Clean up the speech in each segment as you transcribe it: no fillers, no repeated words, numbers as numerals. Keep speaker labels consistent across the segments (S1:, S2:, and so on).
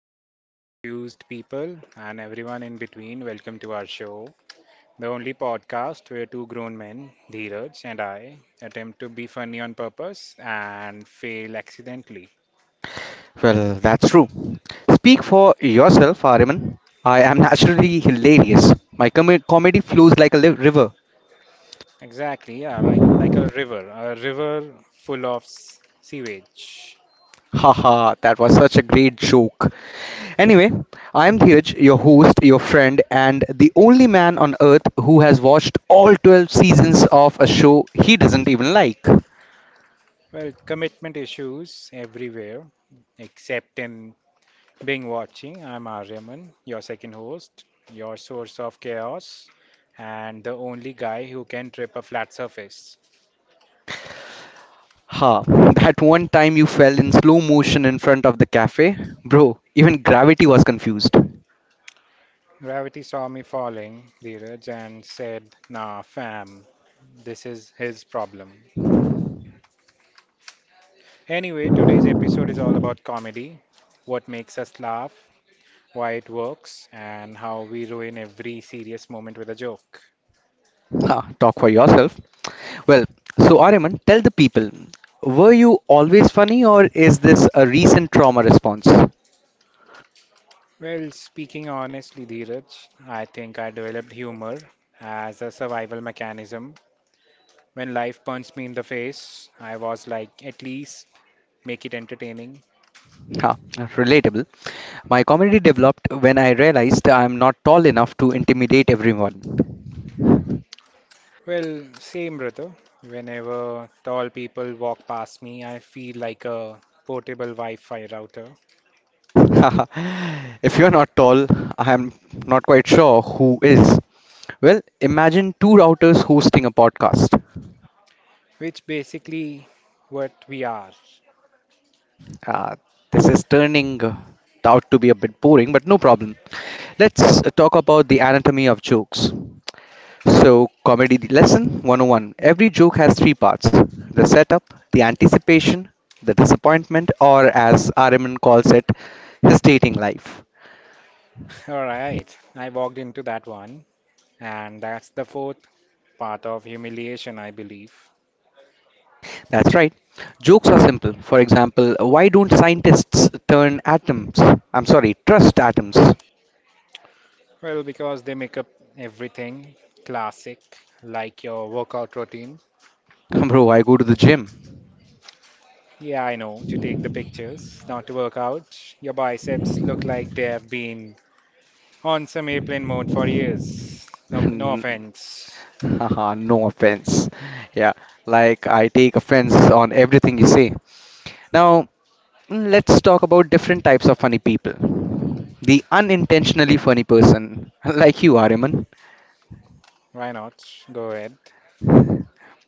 S1: beings, confused people, and everyone in between, welcome to our show. The only podcast where two grown men, Dheeraj and I, attempt to be funny on purpose and fail accidentally.
S2: Well, that's true. Speak for yourself, Ariman. I am naturally hilarious. Comedy flows like a river.
S1: Exactly, yeah, like a river full of sewage.
S2: Haha, that was such a great joke. Anyway, I am Dheeraj, your host, your friend, and the only man on earth who has watched all 12 seasons of a show he doesn't even like.
S1: Well, commitment issues everywhere, except in being watching. I'm Aryaman, your second host, your source of chaos, and the only guy who can trip a flat surface.
S2: Ha, that one time you fell in slow motion in front of the cafe? Bro, even gravity was confused.
S1: Gravity saw me falling, Dheeraj, and said, "Nah, fam, this is his problem." Anyway, today's episode is all about comedy, what makes us laugh, why it works, and how we ruin every serious moment with a joke.
S2: Ha, talk for yourself. Well, so Ariman, tell the people, were you always funny or is this a recent trauma response?
S1: Well, speaking honestly, Dheeraj, I think I developed humor as a survival mechanism. When life punched me in the face, I was like, at least make it entertaining.
S2: Ah, relatable. My comedy developed when I realized I am not tall enough to intimidate everyone.
S1: Well, same, brother. Whenever tall people walk past me, I feel like a portable Wi-Fi router,
S2: If you're not tall, I'm not quite sure who is. Well, imagine two routers hosting a podcast.
S1: which basically what we are.
S2: Uh, this is turning out to be a bit boring, but no problem. Let's talk about the anatomy of jokes. So, comedy lesson 101. Every joke has three parts: the setup, the anticipation, the disappointment, or as Araman calls it, his dating life.
S1: All right, I walked into that one, and that's the fourth part of humiliation, I believe.
S2: That's right. Jokes are simple. For example, why don't scientists turn atoms? I'm sorry, trust atoms.
S1: Well, because they make up everything, classic, like your workout routine.
S2: Bro, I go to the gym.
S1: Yeah, I know, to take the pictures, not to work out. Your biceps look like they have been on some airplane mode for years. No, no
S2: N-
S1: offense.
S2: Haha, no offense. Yeah, like I take offense on everything you say. Now, let's talk about different types of funny people. The unintentionally funny person, like you, Ariman.
S1: Why not? Go ahead.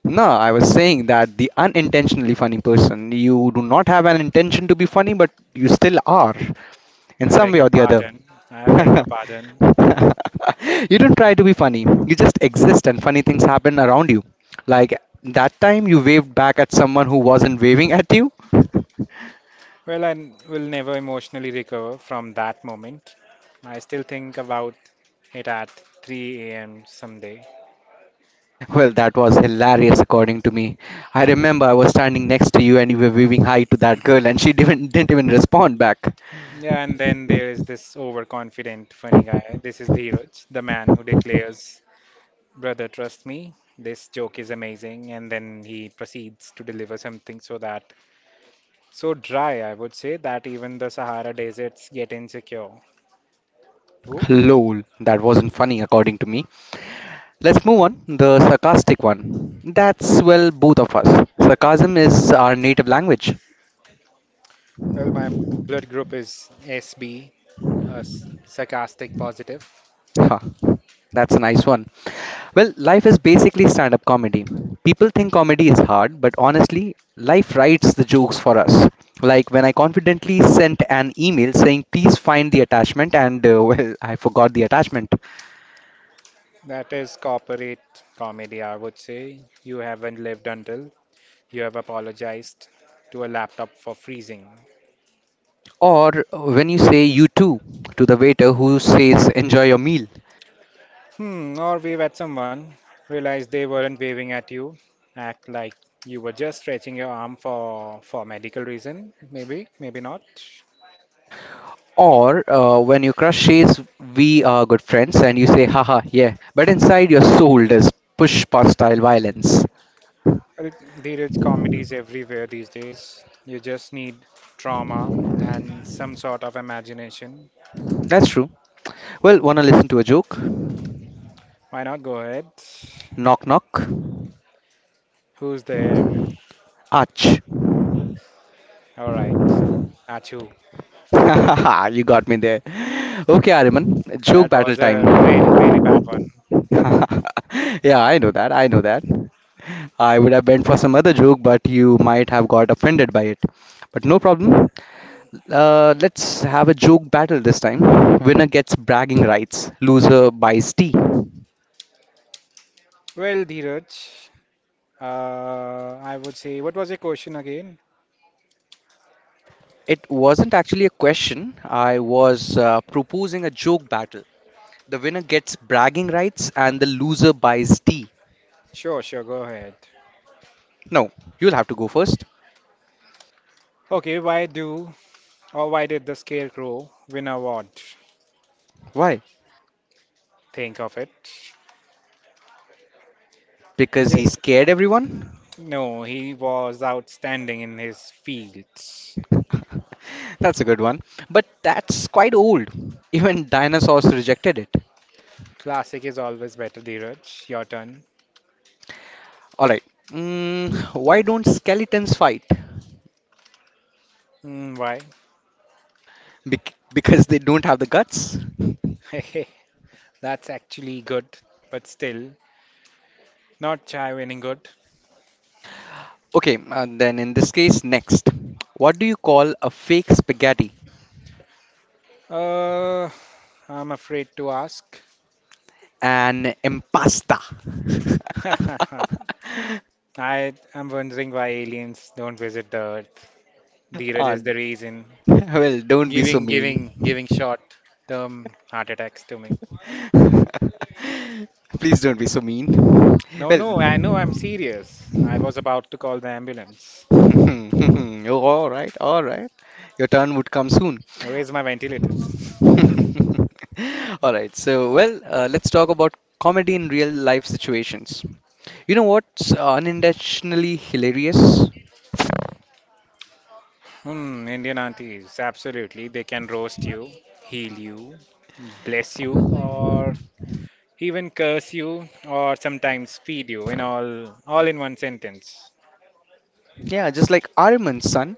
S2: No, I was saying that the unintentionally funny person, you do not have an intention to be funny, but you still are in
S1: I
S2: some
S1: beg
S2: way
S1: your
S2: or the
S1: pardon. I beg
S2: other.
S1: your pardon.
S2: You don't try to be funny, you just exist, and funny things happen around you. Like that time you waved back at someone who wasn't waving at you.
S1: Well, I will never emotionally recover from that moment. I still think about it at 3 a.m. someday.
S2: Well, that was hilarious, according to me. I remember I was standing next to you and you were waving hi to that girl, and she didn't even respond back.
S1: Yeah, and then there is this overconfident, funny guy. This is Dhiraj, the man who declares, "Brother, trust me, this joke is amazing." And then he proceeds to deliver something so dry, I would say, that even the Sahara deserts get insecure. Oh,
S2: Lol, that wasn't funny, according to me. Let's move on. The sarcastic one. That's, well, both of us. Sarcasm is our native language.
S1: well, my blood group is SB, sarcastic positive.
S2: Ha, that's a nice one. Well, life is basically stand up comedy. People think comedy is hard, but honestly, life writes the jokes for us. Like when I confidently sent an email saying, please find the attachment, and well, I forgot the attachment.
S1: That is corporate comedy, I would say. You haven't lived until you have apologized to a laptop for freezing.
S2: Or when you say, you too, to the waiter who says, enjoy your meal.
S1: Hmm, or wave at someone, realize they weren't waving at you, act like you were just stretching your arm for medical reason, maybe, maybe not.
S2: Or when your crush says, we are good friends, and you say, haha, yeah. But inside your soul, there's push past style violence.
S1: Well, there is comedies everywhere these days. You just need trauma and some sort of imagination.
S2: That's true. Well, wanna listen to a joke?
S1: Why not? Go ahead.
S2: Knock knock.
S1: Who's there?
S2: Ouch.
S1: All right, Achu.
S2: You got me there. Okay, Ariman, joke
S1: That
S2: battle
S1: was
S2: time.
S1: a really, really bad one.
S2: Yeah, I know that. I know that. I would have bent for some other joke, but you might have got offended by it. But no problem. Let's have a joke battle this time. Winner gets bragging rights, loser buys tea.
S1: Well, Dheeraj, I would say, what was your question again?
S2: It wasn't actually a question, I was proposing a joke battle. The winner gets bragging rights and the loser buys tea.
S1: Sure, sure, go ahead.
S2: No, you'll have to go first.
S1: Okay, why do or why did the Scarecrow win an award?
S2: Why?
S1: Think of it.
S2: Because
S1: Yeah.
S2: he scared everyone?
S1: No, he was outstanding in his fields.
S2: That's a good one. But that's quite old. Even dinosaurs rejected it.
S1: Classic is always better, Dheeraj. Your turn.
S2: Alright. Why don't skeletons fight?
S1: Why?
S2: Because they don't have the guts?
S1: That's actually good, but still not chai winning good.
S2: Okay, then in this case, next. What do you call a fake spaghetti?
S1: Uh, I'm afraid to ask.
S2: An impasta.
S1: I am wondering why aliens don't visit the Earth. Dheeraj
S2: Ah,
S1: is the reason.
S2: well, don't be so
S1: Giving,
S2: mean.
S1: giving, giving short term heart attacks to me.
S2: Please don't be so mean.
S1: No,
S2: Well,
S1: no, I know I'm serious. I was about to call the ambulance.
S2: oh, all right, all right. Your turn would come soon.
S1: Where's my ventilators?
S2: All right, so well, let's talk about comedy in real life situations. You know what's unintentionally hilarious?
S1: Hmm, Indian aunties, absolutely. They can roast you, heal you, bless you, or even curse you, or sometimes feed you in all in one sentence.
S2: Yeah, just like Arman's son,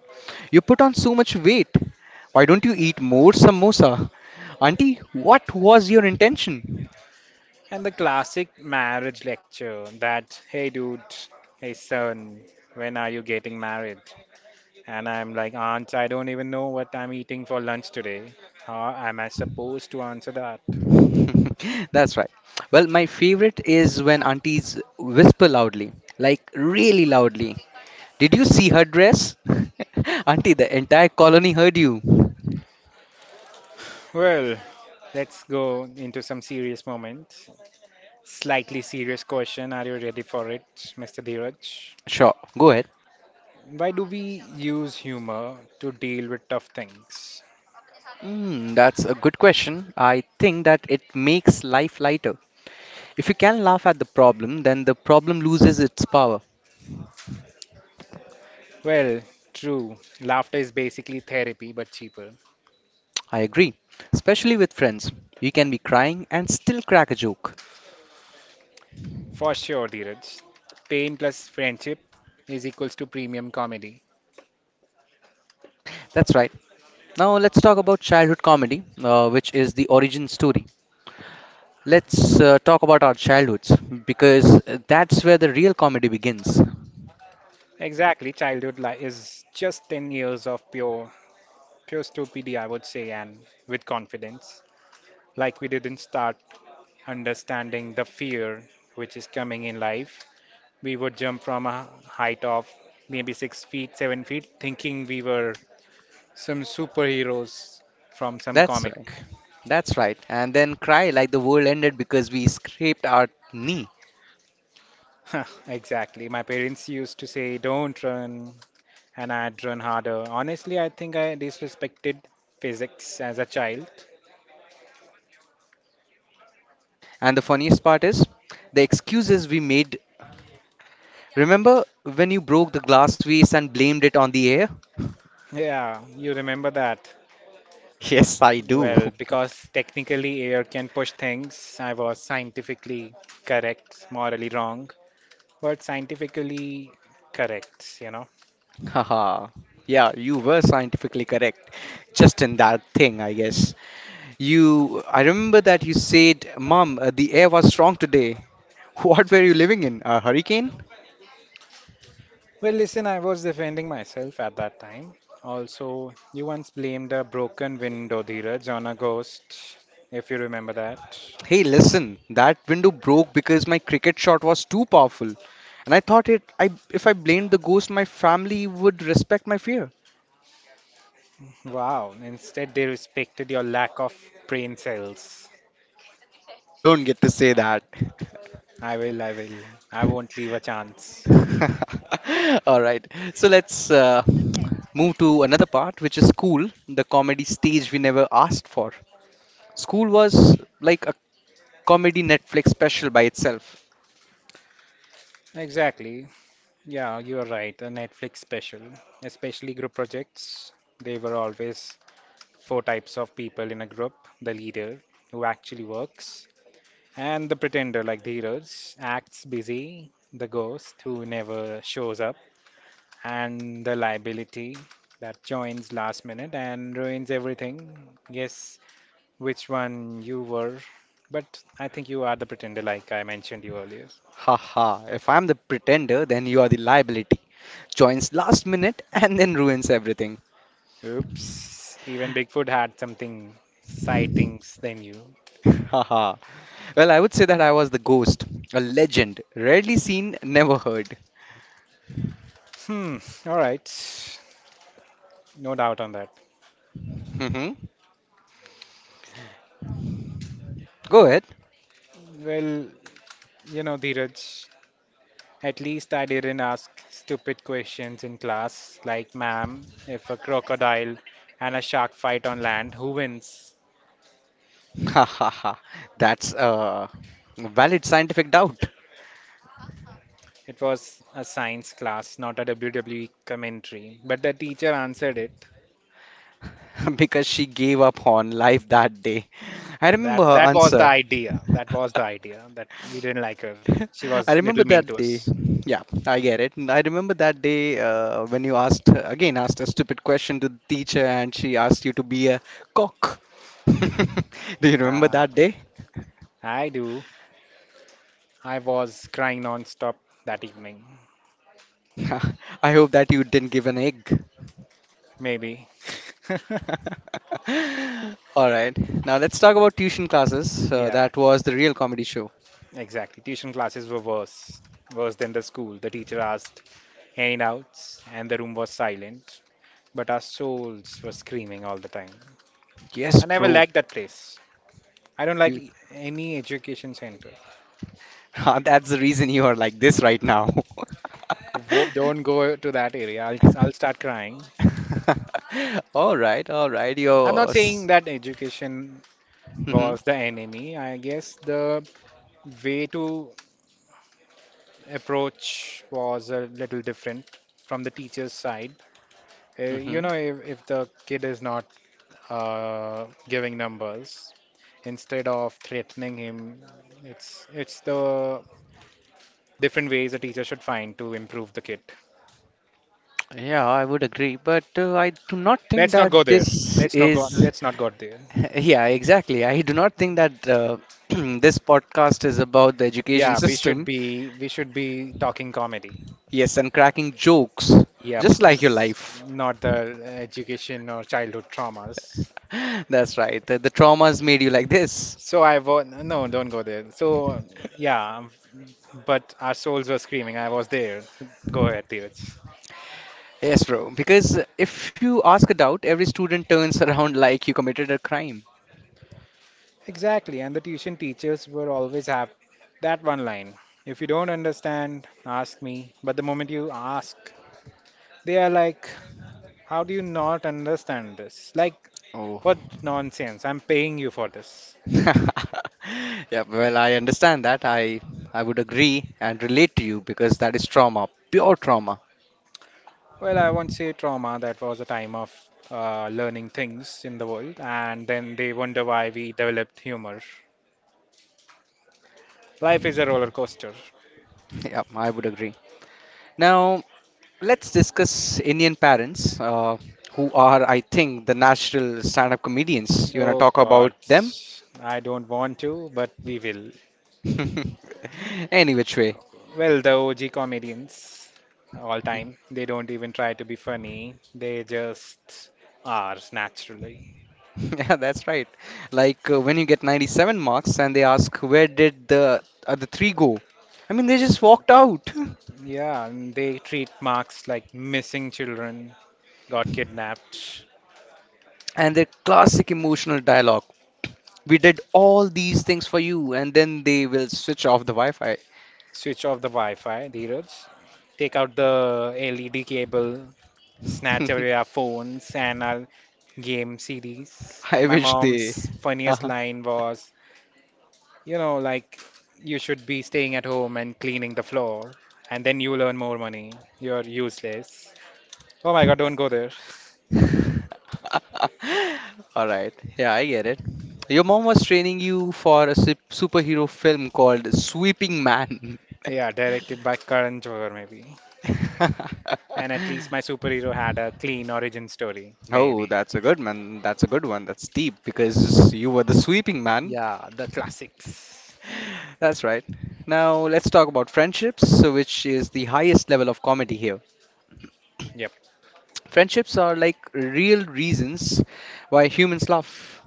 S2: you put on so much weight. Why don't you eat more samosa? Auntie, what was your intention?
S1: And the classic marriage lecture that, hey son, when are you getting married? And I'm like, Aunt, I don't even know what I'm eating for lunch today. How am I supposed to answer that?
S2: That's right. Well, my favorite is when aunties whisper loudly, like really loudly. Did you see her dress? Auntie, the entire colony heard you.
S1: Well, let's go into some serious moments. Slightly serious question. Are you ready for it, Mr. Dheeraj?
S2: Sure, go ahead.
S1: Why do we use humor to deal with tough things?
S2: That's a good question. I think that it makes life lighter. If you can laugh at the problem, then the problem loses its power.
S1: Well, true. Laughter is basically therapy, but cheaper.
S2: I agree. Especially with friends. You can be crying and still crack a joke.
S1: For sure, Dheeraj. Pain plus friendship is equals to premium comedy.
S2: That's right. Now let's talk about childhood comedy, which is the origin story. Let's talk about our childhoods because that's where the real comedy begins.
S1: Exactly, is just 10 years of pure stupidity, I would say, and with confidence. Like we didn't start understanding the fear which is coming in life. We would jump from a height of maybe 6 feet, 7 feet, thinking we were some superheroes from some
S2: That's right.
S1: comic.
S2: That's right. And then cry like the world ended because we scraped our knee.
S1: Exactly. My parents used to say, don't run, and I'd run harder. Honestly, I think I disrespected physics as a child.
S2: And the funniest part is the excuses we made. Remember when you broke the glass vase and blamed it on the air?
S1: Yeah, you remember that.
S2: Yes, I do.
S1: Well, because technically air can push things, I was scientifically correct, morally wrong, but scientifically correct, you know.
S2: Haha. Yeah, you were scientifically correct. Just in that thing, I guess. You, I remember that you said, Mom, the air was strong today. What were you living in? A hurricane?
S1: Well, listen, I was defending myself at that time. Also, you once blamed a broken window, Dheeraj, on a ghost, if you remember that.
S2: Hey, listen, that window broke because my cricket shot was too powerful. And I thought it I If I blamed the ghost, my family would respect my fear.
S1: Wow, instead they respected your lack of brain cells.
S2: Hey, you don't get to say that.
S1: I will. I won't leave a chance.
S2: All right. So let's move to another part, which is school, the comedy stage we never asked for. School was like a comedy Netflix special by itself.
S1: Exactly. Yeah, you are right. A Netflix special, especially group projects, they were always four types of people in a group: the leader, who actually works, and the pretender, like the heroes, acts busy, the ghost, who never shows up, and the liability that joins last minute and ruins everything. Guess which one you were, but I think you are the pretender, like I mentioned you earlier.
S2: Haha, if I'm the pretender, then you are the liability. Joins last minute and then ruins everything.
S1: Oops, even Bigfoot had something sightings than you.
S2: Haha. Well, I would say that I was the ghost, a legend, rarely seen, never heard.
S1: Hmm, all right. No doubt on that.
S2: hmm Go ahead.
S1: Well, you know, Dheeraj, at least I didn't ask stupid questions in class, like, ma'am, if a crocodile and a shark fight on land, who wins?
S2: Haha. That's a valid scientific doubt.
S1: It was a science class, not a WWE commentary. But the teacher answered it.
S2: Because she gave up on life that day. I
S1: That
S2: remember her
S1: that was the
S2: answer.
S1: idea. That was the idea. That we didn't like her. She
S2: I
S1: was
S2: remember
S1: little mean
S2: that
S1: to
S2: day.
S1: us.
S2: Yeah, I get it. I remember that day when you asked a stupid question to the teacher and she asked you to be a cock. Do you remember
S1: Ah.
S2: that day?
S1: I do. I was crying non-stop that evening.
S2: I hope that you didn't give an egg.
S1: Maybe.
S2: All right. Now let's talk about tuition classes.
S1: Yeah,
S2: That was the real comedy show.
S1: exactly. Tuition classes were worse. Worse than the school. The teacher asked handouts, and the room was silent. But our souls were screaming all the time.
S2: Yes,
S1: I never
S2: bro.
S1: liked that place. I don't like
S2: You,
S1: any education center.
S2: that's the reason you are like this right now.
S1: Whoop, don't go to that area. I'll start crying.
S2: All right, all right.
S1: I'm not saying
S2: Yours.
S1: that education
S2: hmm
S1: was the enemy. I guess the way to approach was a little different from the teacher's side. You
S2: hmm
S1: know, if the kid is not giving numbers, instead of threatening him, it's the different ways a teacher should find to improve the kid.
S2: Yeah, I would agree, but I do not think
S1: Let's not go
S2: that
S1: there.
S2: this
S1: Let's not go.
S2: is.
S1: Let's not go there.
S2: Yeah, exactly. I do not think that this podcast is about the education
S1: Yeah,
S2: system.
S1: we should be talking comedy.
S2: Yes, and cracking jokes,
S1: Yep,
S2: just like your life.
S1: not the education or childhood traumas.
S2: That's right. The traumas made you like this.
S1: So I won't. No, don't go there. So yeah, but our souls were screaming, I was there. Go ahead, Dheeraj.
S2: Yes, bro. Because if you ask a doubt, every student turns around like you committed a crime.
S1: Exactly, and the tuition teachers were always have that one line. If you don't understand, ask me. But the moment you ask, they are like, how do you not understand this? Like, what nonsense? I'm paying you for this.
S2: Yeah, well, I understand that. I would agree and relate to you because that is trauma, pure trauma.
S1: Well, I won't say trauma, that was a time of learning things in the world, and then they wonder why we developed humor. Life is a roller coaster.
S2: Yeah, I would agree. Now, let's discuss Indian parents, who are, I think, the natural stand-up comedians. You wanna
S1: Oh
S2: talk about
S1: God,
S2: them?
S1: I don't want to, but we will.
S2: Any which way.
S1: Well, the OG comedians all time, they don't even try to be funny. They just are naturally.
S2: Yeah, that's right. Like when you get 97 marks and they ask, where did the other three go? I mean, they just walked out.
S1: Yeah, and they treat marks like missing children, got kidnapped,
S2: And their classic emotional dialogue. We did all these things for you, and then they will switch off the Wi Fi.
S1: switch off the Wi-Fi, Dheeraj, take out the LED cable, snatch away our phones and our game CDs.
S2: I
S1: My
S2: wish they.
S1: mom's funniest
S2: Uh-huh.
S1: line was, you know, like you should be staying at home and cleaning the floor, and then you earn more money. You're useless. Oh my God, don't go there.
S2: All right. Yeah, I get it. Your mom was training you for a superhero film called Sweeping Man.
S1: Yeah, directed by Karan Johar, maybe. And at least my superhero had a clean origin story,
S2: Oh,
S1: maybe.
S2: that's a good man. That's a good one. That's deep because you were the sweeping man.
S1: Yeah, the classics.
S2: That's right. Now let's talk about friendships, so which is the highest level of comedy here.
S1: Yep,
S2: Friendships are like real reasons why humans laugh.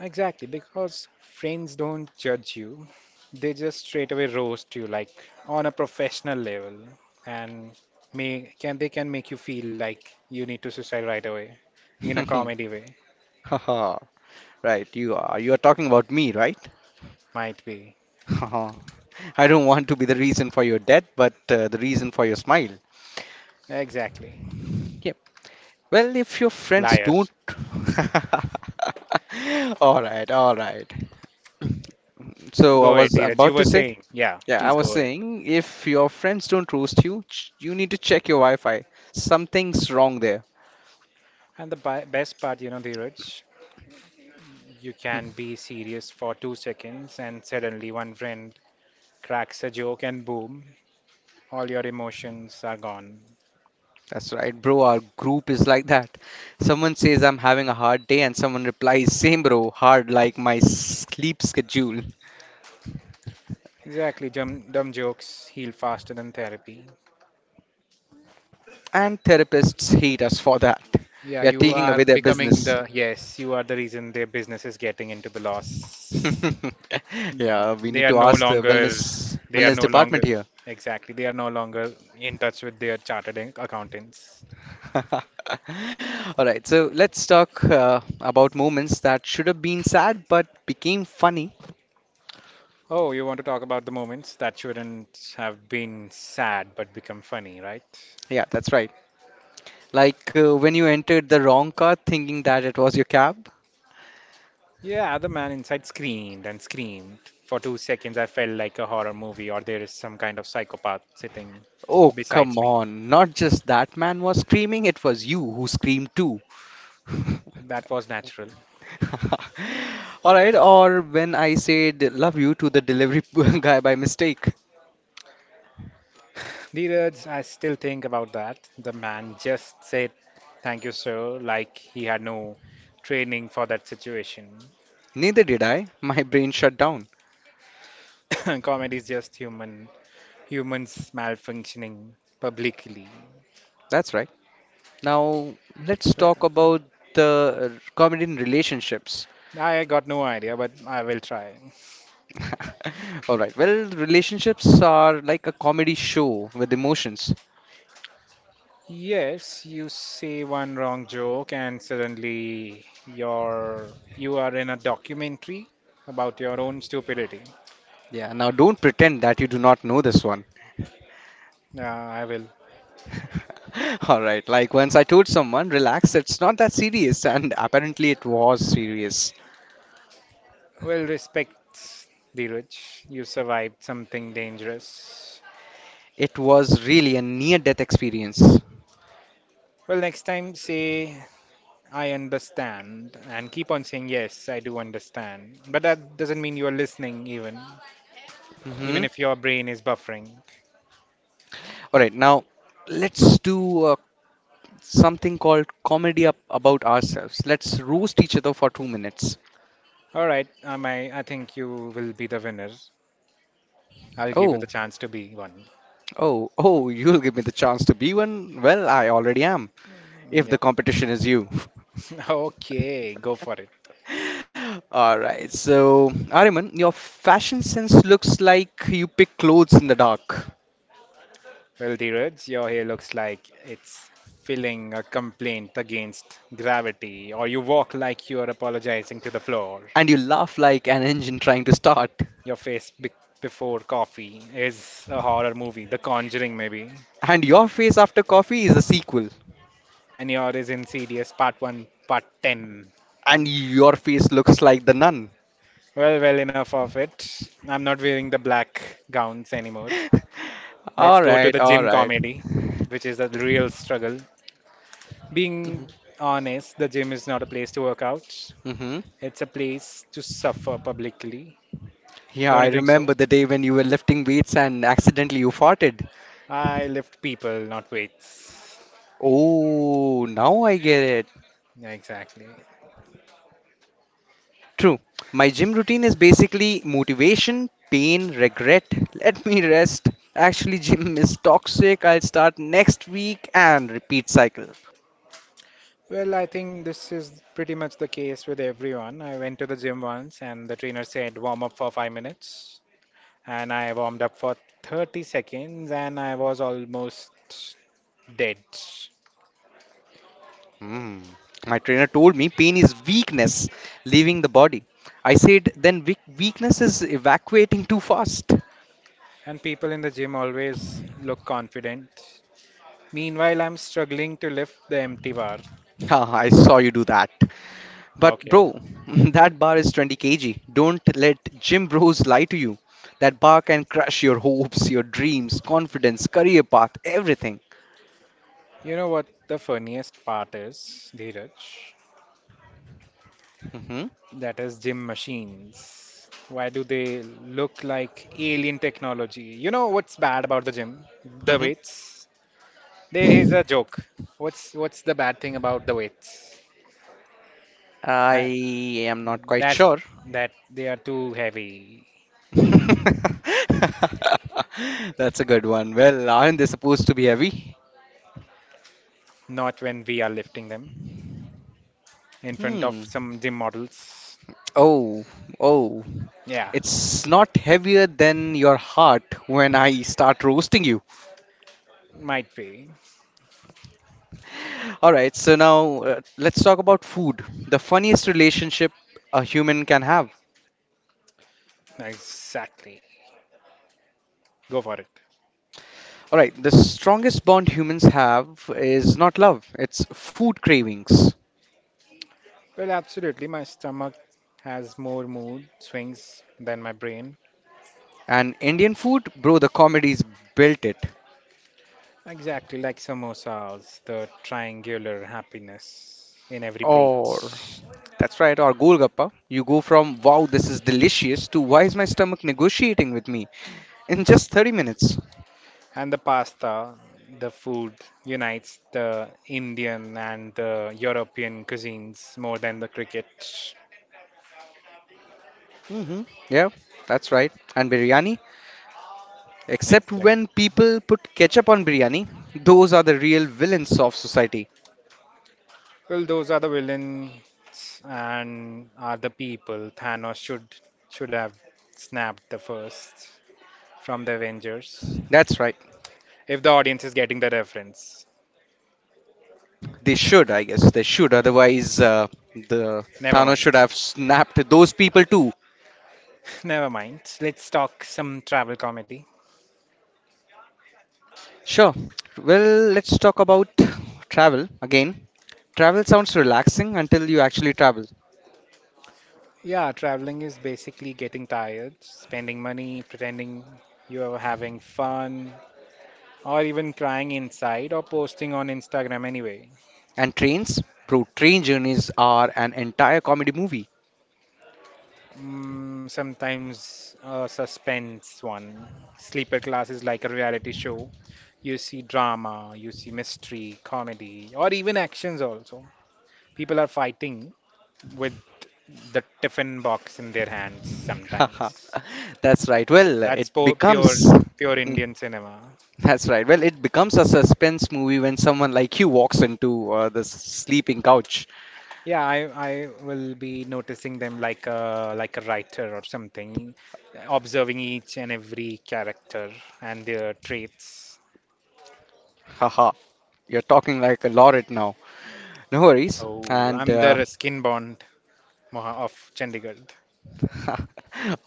S1: exactly. Because friends don't judge you, they just straight away roast you, like on a professional level, and may can they can make you feel like you need to suicide right away in a comedy way.
S2: Haha. Right, you are. You are talking about me, right?
S1: Might be.
S2: Haha. I don't want to be the reason for your death, but the reason for your smile.
S1: Exactly.
S2: Yep. Well, if your friends
S1: Liar.
S2: don't. All right, all right. So I
S1: Go ahead,
S2: was
S1: Dheeraj. You
S2: about to
S1: were
S2: say.
S1: saying. Yeah,
S2: Yeah, I
S1: please
S2: was
S1: go ahead.
S2: saying if your friends don't roast you, you need to check your Wi-Fi. Something's wrong there.
S1: And the best part, you know, Dheeraj, you
S2: Hmm.
S1: can be serious for 2 seconds and suddenly one friend cracks a joke and boom, all your emotions are gone.
S2: That's right, bro. Our group is like that. Someone says I'm having a hard day, and someone replies, "Same, bro. Hard like my sleep schedule."
S1: Exactly. Dumb jokes heal faster than therapy.
S2: And therapists hate us for that.
S1: Yeah,
S2: We are
S1: you
S2: taking away
S1: are
S2: their
S1: becoming
S2: business.
S1: the, yes, you are the reason their business is getting into the loss.
S2: Yeah, we
S1: They
S2: need
S1: are
S2: to
S1: no
S2: ask the
S1: longer
S2: wellness
S1: they are
S2: wellness
S1: no longer
S2: department.
S1: exactly They are no longer in touch with their chartered accountants.
S2: All right, so let's talk about moments that should have been sad but became funny.
S1: Oh, you want to talk about the moments that shouldn't have been sad but become funny, right?
S2: Yeah, that's right. Like when you entered the wrong car thinking that it was your cab.
S1: Yeah, the man inside screamed and screamed. For 2 seconds I felt like a horror movie, or there is some kind of psychopath sitting
S2: Oh, come
S1: besides me.
S2: on. Not just that man was screaming, it was you who screamed too.
S1: That was natural.
S2: All right, or when I said love you to the delivery guy by mistake.
S1: Dheeraj, I still think about that. The man just said, thank you, sir, like he had no training for that situation.
S2: Neither did I. My brain shut down.
S1: Comedy is just humans malfunctioning publicly.
S2: That's right. Now, let's
S1: Well,
S2: talk about the comedy in relationships.
S1: I got no idea, but I will try.
S2: All right, well, relationships are like a comedy show with emotions.
S1: Yes, you say one wrong joke and suddenly you are in a documentary about your own stupidity.
S2: Yeah, now don't pretend that you do not know this one.
S1: Yeah, I will.
S2: All right, like once I told someone, relax, it's not that serious, and apparently it was serious.
S1: Well, respect, Dheeraj. You survived something dangerous.
S2: It was really a near death experience.
S1: Well, next time say, I understand, and keep on saying, yes, I do understand. But that doesn't mean you're listening, even
S2: Mhm.
S1: if your brain is buffering.
S2: All right, now let's do something called comedy up about ourselves. Let's roast each other for 2 minutes.
S1: All right, I think you will be the winner. I'll give you the
S2: Oh,
S1: chance to be one.
S2: Oh, oh, you'll give me the chance to be one? Well, I already am, if the
S1: Yep.
S2: competition is you.
S1: Okay, go for it.
S2: All right, so Ariman, your fashion sense looks like you pick clothes in the dark,
S1: Well, Dheeraj, your hair looks like it's filling a complaint against gravity, or you walk like you're apologizing to the floor.
S2: and you laugh like an engine trying to start.
S1: Your face before coffee is a horror movie, The Conjuring, maybe,
S2: And your face after coffee is a sequel,
S1: and yours is Insidious Part 1, Part 10.
S2: and your face looks like the nun.
S1: Well, enough of it. I'm not wearing the black gowns anymore. Let's
S2: All
S1: go to
S2: right,
S1: the
S2: all
S1: gym
S2: right.
S1: comedy, which is the real struggle. Being
S2: Mm-hmm.
S1: honest, the gym is not a place to work out.
S2: Mm-hmm.
S1: It's a place to suffer publicly.
S2: Yeah,
S1: Don't
S2: I
S1: you think so?
S2: remember the day when you were lifting weights and accidentally you farted.
S1: I lift people, not weights.
S2: Oh, now I get.
S1: Yeah, exactly.
S2: True. My gym routine is basically motivation, pain, regret, let me rest. Actually, gym is toxic. I'll start next week and repeat cycle.
S1: Well, I think this is pretty much the case with everyone. I went to the gym once and the trainer said warm up for 5 minutes. And I warmed up for 30 seconds and I was almost dead.
S2: Hmm. My trainer told me pain is weakness, leaving the body. I said, then weakness is evacuating too fast.
S1: And people in the gym always look confident. Meanwhile, I'm struggling to lift the empty bar.
S2: Ah, I saw you do that. But
S1: Okay.
S2: bro, that bar is 20 kg. Don't let gym bros lie to you. That bar can crush your hopes, your dreams, confidence, career path, everything.
S1: You know what the funniest part is, Dheeraj?
S2: hmm
S1: That is gym machines. Why do they look like alien technology? You know what's bad about the gym? The weights. There
S2: hmm
S1: is a joke. What's the bad thing about the weights?
S2: I
S1: That
S2: am not quite
S1: that
S2: sure.
S1: that they are too heavy.
S2: That's a good one. Well, aren't they supposed to be heavy?
S1: Not when we are lifting them in front of
S2: Hmm.
S1: some gym models.
S2: Oh, oh.
S1: Yeah,
S2: It's not heavier than your heart when I start roasting you.
S1: might be.
S2: All right, so now let's talk about food. The funniest relationship a human can have.
S1: Exactly. Go for it.
S2: All right, the strongest bond humans have is not love, it's food cravings.
S1: Well, absolutely. My stomach has more mood swings than my brain.
S2: And Indian food, bro, the comedies built it.
S1: Exactly like samosas, the triangular happiness in every plate.
S2: Or, that's right, or Golgappa. You go from, wow, this is delicious, to why is my stomach negotiating with me in just 30 minutes?
S1: And the pasta, the food unites the Indian and the European cuisines more than the cricket.
S2: hmm Yeah, that's right. And biryani, except when
S1: Exactly.
S2: people put ketchup on biryani, those are the real villains of society.
S1: Well, those are the villains and are the people Thanos should have snapped the first from the Avengers.
S2: That's right.
S1: If the audience is getting the reference.
S2: They should, I guess. They should. Otherwise, the
S1: Never
S2: Thanos
S1: mind.
S2: should have snapped those people too.
S1: Never mind. Let's talk some travel comedy.
S2: Sure. Well, let's talk about travel again. Travel sounds relaxing until you actually travel.
S1: Yeah, traveling is basically getting tired, spending money, pretending you are having fun, or even crying inside or posting on Instagram anyway.
S2: And trains, bro, train journeys are an entire comedy movie.
S1: Mm, sometimes a suspense one. Sleeper class is like a reality show. You see drama, you see mystery, comedy, or even actions also. People are fighting with the tiffin box in their hands
S2: Haha.
S1: sometimes.
S2: That's right. Well, it
S1: That's po- pure
S2: becomes.
S1: pure
S2: Hmm,
S1: Indian cinema.
S2: that's right. Well, it becomes a suspense movie when someone like you walks into the sleeping couch.
S1: Yeah, I will be noticing them like a writer or something, observing each and every character and their traits.
S2: Haha. You're talking like a laureate now. No worries.
S1: Oh,
S2: And,
S1: I'm the skin bond of Chandigarh.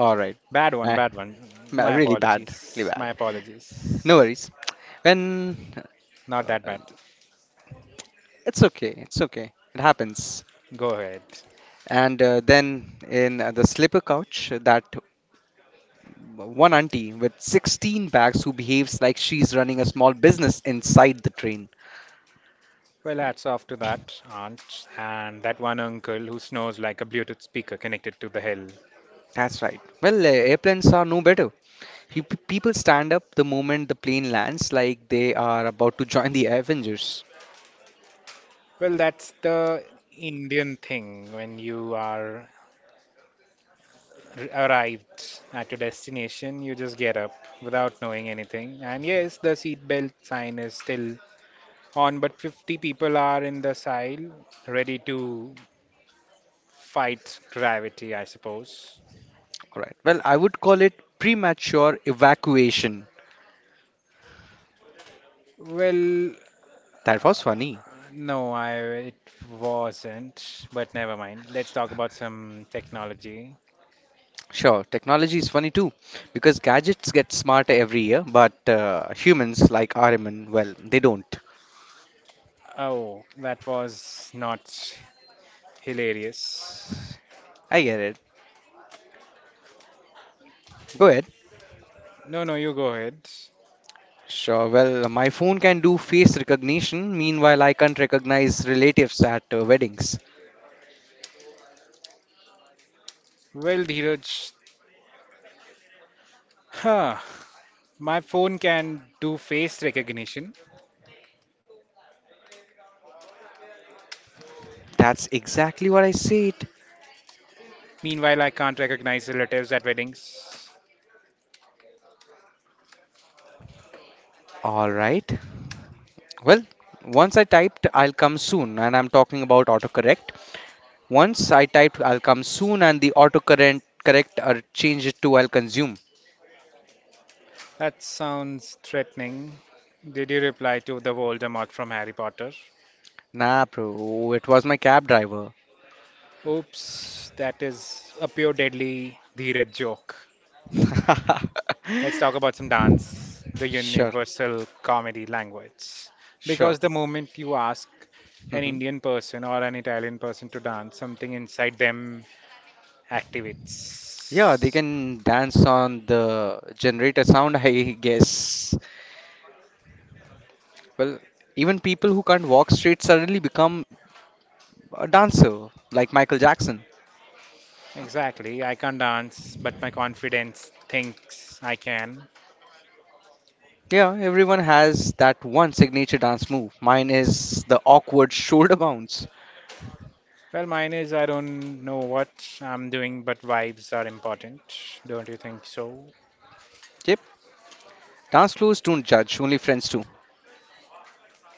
S2: all right.
S1: Bad one, bad one. My
S2: Really bad, really
S1: apologies. My
S2: bad. No
S1: apologies.
S2: worries. When
S1: Not that
S2: uh,
S1: bad.
S2: it's okay, it's okay. It happens.
S1: Go ahead.
S2: And then in the slipper couch, that one auntie with 16 bags who behaves like she's running a small business inside the train.
S1: Well, hats off to that aunt and that one uncle who snores like a Bluetooth speaker connected to the hell.
S2: That's right. Well, airplanes are no better. People stand up the moment the plane lands, like they are about to join the Avengers.
S1: Well, that's the Indian thing when you are arrived at your destination, you just get up without knowing anything. And yes, the seatbelt sign is still on, but 50 people are in the side ready to fight gravity, I suppose.
S2: All right. Well, I would call it premature evacuation.
S1: Well,
S2: That
S1: uh,
S2: was funny.
S1: no, I it wasn't, but never mind. Let's talk about some technology.
S2: Sure, technology is funny too, because gadgets get smarter every year, but humans like RMN, well, they don't.
S1: Oh, that was not hilarious.
S2: I get it. Go ahead.
S1: No, no, you go ahead.
S2: Sure, well, my phone can do face recognition, meanwhile, I can't recognize relatives at weddings.
S1: Well, Dheeraj, huh. My phone can do face recognition.
S2: That's exactly what I said.
S1: Meanwhile, I can't recognize relatives at weddings.
S2: Alright. Well, once I typed, I'll come soon, and I'm talking about autocorrect. Once I typed, I'll come soon, and the autocorrect correct, changed it to I'll consume.
S1: That sounds threatening. Did you reply to the Voldemort from Harry Potter?
S2: Nah, bro, it was my cab driver.
S1: Oops, that is a pure deadly Dheeraj joke. Let's talk about some dance, the
S2: Sure,
S1: universal comedy language. Because
S2: sure.
S1: the moment you ask an
S2: hmm
S1: Indian person or an Italian person to dance, something inside them
S2: Yeah, they
S1: activates.
S2: can dance on the generator sound, I guess. Well, even people who can't walk straight suddenly become a dancer, like Michael Jackson.
S1: Exactly. I can't dance, but my confidence thinks I can.
S2: Yeah, everyone has that one signature dance move. Mine is the awkward shoulder bounce.
S1: Well, mine is I don't know what I'm doing, but vibes are important. Don't you think so?
S2: Yep, dance floors don't judge, only friends do.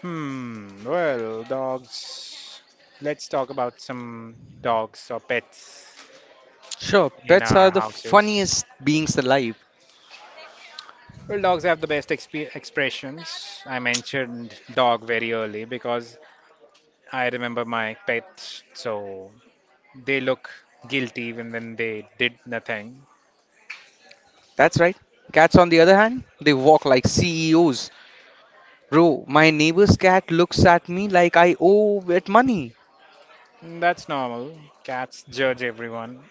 S1: Hmm. Well, dogs. Let's talk about some dogs or pets
S2: Sure,
S1: in
S2: pets
S1: our
S2: are the
S1: houses.
S2: funniest beings alive.
S1: Well, dogs have the best expressions. I mentioned dog very early because I remember my pet, so they look guilty even when they did nothing.
S2: That's right. Cats, on the other hand, they walk like CEOs. Bro, my neighbor's cat looks at me like I owe it money.
S1: Mm, that's normal. Cats judge everyone.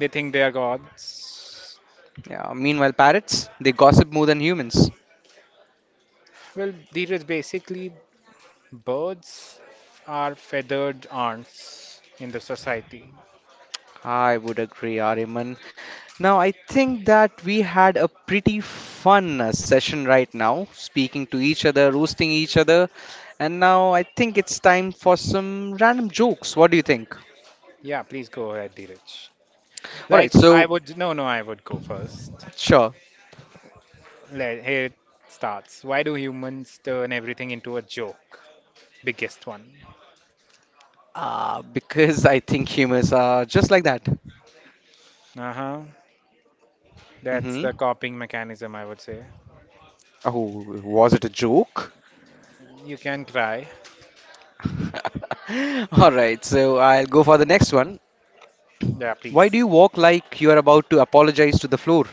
S1: They think they are gods.
S2: Yeah, meanwhile, parrots, they gossip more than humans.
S1: Well, Dheeraj, basically, birds are feathered ants in the society.
S2: I would agree, Ariman. Now, I think that we had a pretty fun session right now, speaking to each other, roasting each other. And now I think it's time for some random jokes. What do you think?
S1: Yeah, please go ahead, Dheeraj.
S2: All right,
S1: Like, I
S2: so
S1: would, no, no, I would go first.
S2: sure.
S1: Here it starts. Why do humans turn everything into a joke? Biggest one.
S2: Because I think humans are just like that.
S1: Uh huh. That's the
S2: Mm-hmm.
S1: coping mechanism, I would say.
S2: Oh, was it a joke?
S1: You can try.
S2: All right, so I'll go for the next one.
S1: Yeah,
S2: Why do you
S1: please.
S2: walk like you are about to apologize to the floor?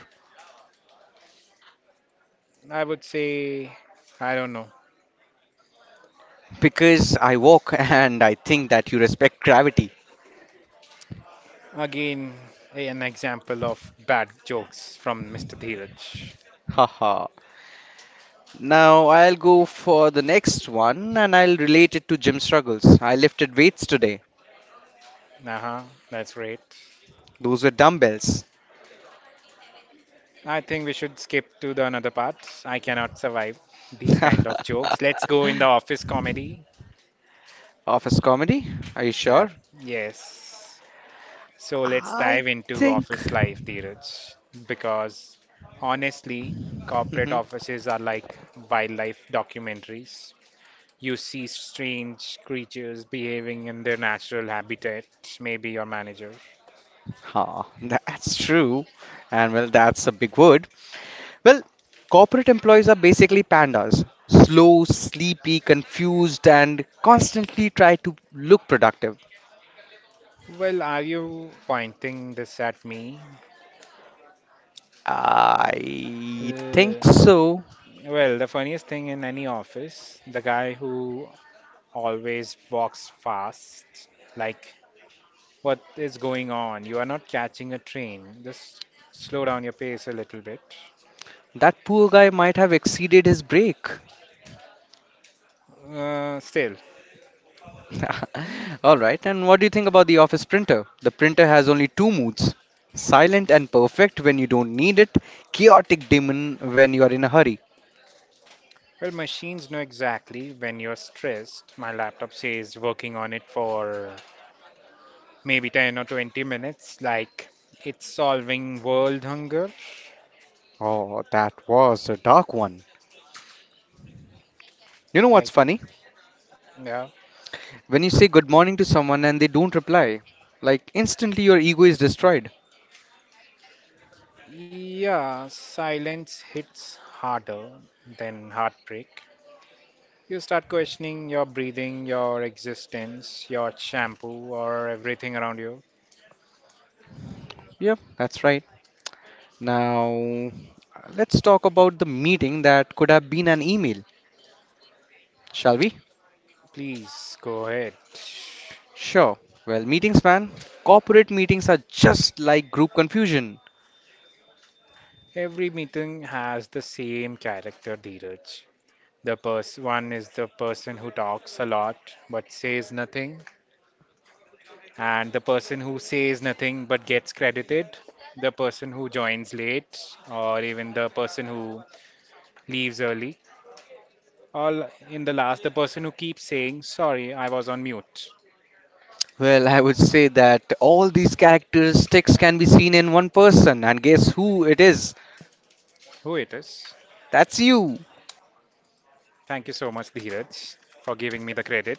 S1: I would say, I don't know.
S2: Because I walk and I think that you respect gravity.
S1: Again, an example of bad jokes from Mr. Dheeraj.
S2: Haha. Now I'll go for the next one and I'll relate it to gym struggles. I lifted weights today.
S1: Uh huh, that's great.
S2: Those were dumbbells.
S1: I think we should skip to the another part. I cannot survive these kind of jokes. Let's go in the office comedy.
S2: Office comedy? Are you sure?
S1: Yep, yes. So let's
S2: I
S1: dive into
S2: think.
S1: office life, Dheeraj, because honestly, corporate
S2: Mhm.
S1: offices are like wildlife documentaries. You see strange creatures behaving in their natural habitat, maybe your manager.
S2: Ha, that's true. And well, that's a big word. Well, corporate employees are basically pandas slow, sleepy, confused, and constantly try to look productive.
S1: Well, are you pointing this at me?
S2: I
S1: Uh,
S2: think so.
S1: well, the funniest thing in any office, the guy who always walks fast, like, what is going on? You are not catching a train. Just slow down your pace a little bit.
S2: That poor guy might have exceeded his break.
S1: Still,
S2: All right, and what do you think about the office printer? The printer has only two moods silent and perfect when you don't need it, chaotic demon when you are in a hurry.
S1: well, machines know exactly when you're stressed. My laptop says working on it for maybe 10 or 20 minutes, like, it's solving world hunger.
S2: Oh, that was a dark one. You know what's
S1: Like,
S2: funny?
S1: yeah.
S2: When you say good morning to someone and they don't reply, like instantly your ego is destroyed.
S1: Yeah, silence hits harder than heartbreak. You start questioning your breathing, your existence, your shampoo, or everything around you.
S2: Yep, that's right. Now, let's talk about the meeting that could have been an email, shall we?
S1: Please go ahead.
S2: Sure. Well, meetings, man, corporate meetings are just like group confusion.
S1: Every meeting has the same character, Dheeraj. The person one is the person who talks a lot but says nothing, and the person who says nothing but gets credited, the person who joins late, or even the person who leaves early. All in the last, the person who keeps saying, "Sorry, I was on mute."
S2: Well, I would say that all these characteristics can be seen in one person, and guess who it is?
S1: Who it is?
S2: That's you.
S1: Thank you so much, Dheeraj, for giving me the credit.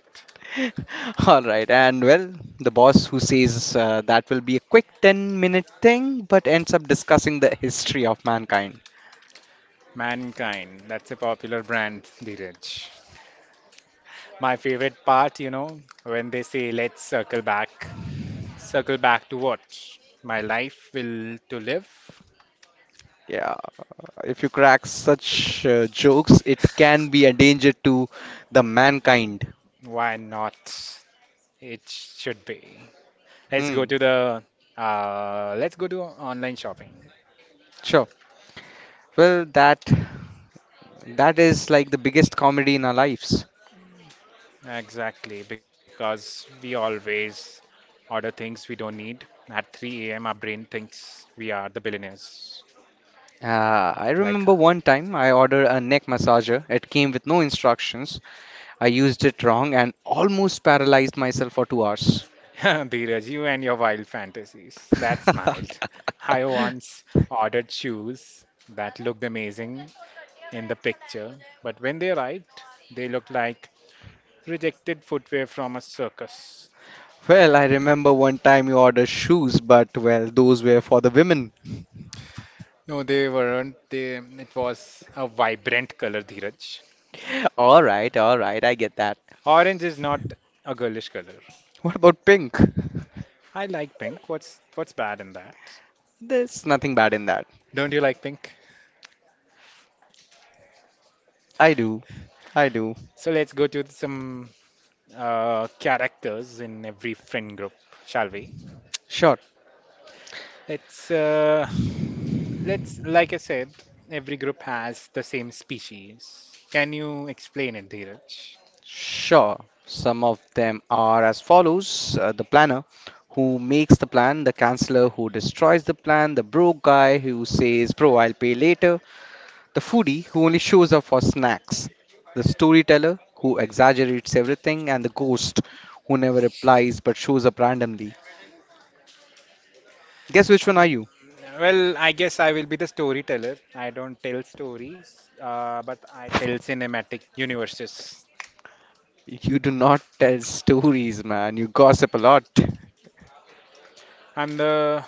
S2: All right, and well, the boss who says that will be a quick 10-minute thing but ends up discussing the history of mankind.
S1: Mankind, that's a popular brand, Dheeraj. My favorite part, when they say, "Let's circle back." Circle back to what? My life will to live?
S2: Yeah, if you crack such jokes, it can be a danger to the mankind.
S1: Why not? It should be. Let's go
S2: Hmm,
S1: to online shopping.
S2: sure. Well, that is like the biggest comedy in our lives.
S1: Exactly, because we always order things we don't need. At 3 a.m., our brain thinks we are the billionaires.
S2: I remember
S1: Like,
S2: one time I ordered a neck massager. It came with no instructions. I used it wrong and almost paralyzed myself for 2 hours.
S1: Dheeraj, you and your wild fantasies. That smiled. I once ordered shoes that looked amazing in the picture, but when they arrived, they looked like rejected footwear from a circus.
S2: Well, I remember one time you ordered shoes, but well, those were for the women.
S1: No, they weren't. It was a vibrant color, Dheeraj.
S2: All right, I get that.
S1: Orange is not a girlish color.
S2: What about pink?
S1: I like pink. What's bad in that?
S2: There's nothing bad in that.
S1: Don't you like pink?
S2: I do. I do.
S1: So let's go to some characters in every friend group, shall we?
S2: Sure.
S1: Let's uh, let's like I said, every group has the same species. Can you explain it, Dheeraj?
S2: Sure. Some of them are as follows the planner who makes the plan, the counselor who destroys the plan, the broke guy who says, Bro, I'll pay later, the foodie who only shows up for snacks, the storyteller who exaggerates everything, and the ghost who never replies but shows up randomly. Guess which one are you?
S1: Well, I guess I will be the storyteller. I don't tell stories, but I tell cinematic universes.
S2: You do not tell stories, man. You gossip a lot.
S1: I'm the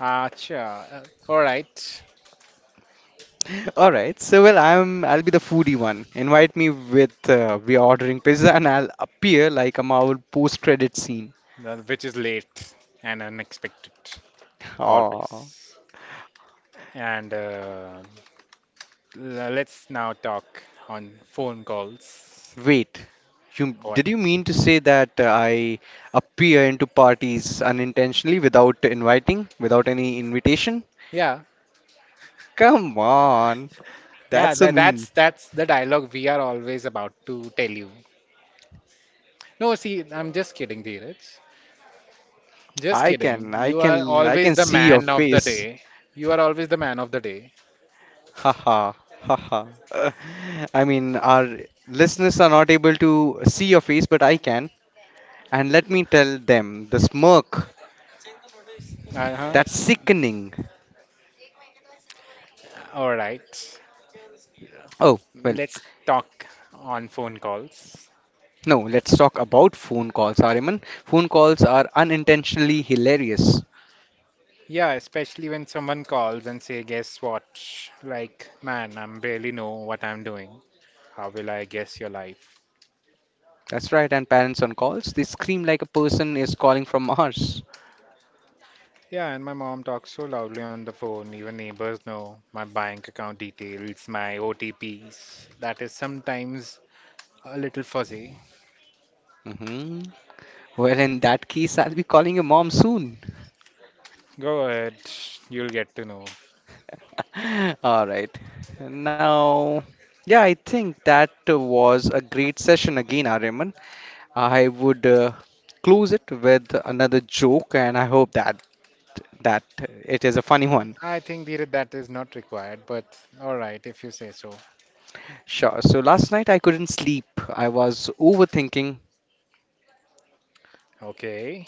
S1: Acha. All right,
S2: All right. So well, I'll be the foodie one. Invite me with we are ordering pizza, and I'll appear like I'm our post-credit scene.
S1: Which is late and unexpected.
S2: Oh.
S1: Always. And let's now talk on phone calls.
S2: Wait, you
S1: What?
S2: did you mean to say that I appear into parties unintentionally without inviting, without any invitation?
S1: Yeah,
S2: Come on,
S1: yeah.
S2: that's so
S1: Tha that's
S2: mean.
S1: that's the dialogue we are always about to tell you. No, see, I'm just kidding, Dheeraj. Just kidding. You are
S2: I
S1: always
S2: can
S1: the
S2: see your
S1: man of the
S2: face.
S1: day. You are always the man of the day.
S2: Haha, haha. I mean, our listeners are not able to see your face, but I can. And let me tell them the smirk
S1: Uh-huh.
S2: that's sickening.
S1: All right.
S2: Oh, well,
S1: Let's talk on phone calls.
S2: no, let's talk about phone calls, Ariman. Phone calls are unintentionally hilarious.
S1: Yeah, especially when someone calls and say, "Guess what?" Like, man, I'm barely know what I'm doing. How will I guess your life?
S2: That's right, and parents on calls, they scream like a person is calling from Mars.
S1: Yeah, and my mom talks so loudly on the phone, even neighbors know my bank account details, my OTPs. That is sometimes a little fuzzy.
S2: hmm Well, in that case, I'll be calling your mom soon.
S1: Go ahead, you'll get to know.
S2: All right. Now, yeah, I think that was a great session again, Ariman. I would close it with another joke, and I hope that that it is a funny one.
S1: I think Dheeraj, that is not required, but all right, if you say so.
S2: Sure. So last night I couldn't sleep. I was overthinking.
S1: Okay.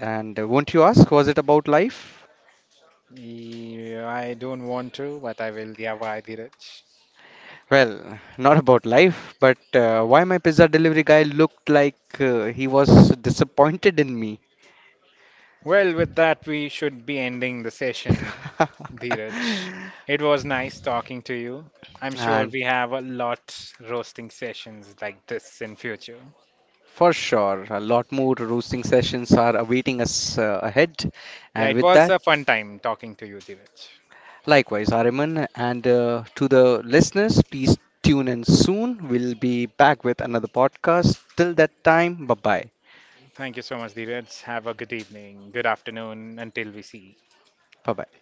S2: And won't you ask, was it about life?
S1: Yeah, I don't want to, but I will. Yeah, why, Dheeraj?
S2: Well, not about life, but why my pizza delivery guy looked like he was disappointed in me.
S1: Well, with that, we should be ending the session, Dheeraj. It was nice talking to you. I'm sure
S2: And
S1: we have a lot roasting sessions like this in future.
S2: for sure, a lot more roasting sessions are awaiting us ahead.
S1: Yeah,
S2: And
S1: it
S2: with
S1: was
S2: that,
S1: a fun time talking to you, Dheeraj.
S2: likewise, Ariman, and to the listeners, please tune in soon. We'll be back with another podcast. Till that time, bye bye.
S1: Thank you so much, Dheeraj. Have a good evening, good afternoon, until we see.
S2: Bye bye.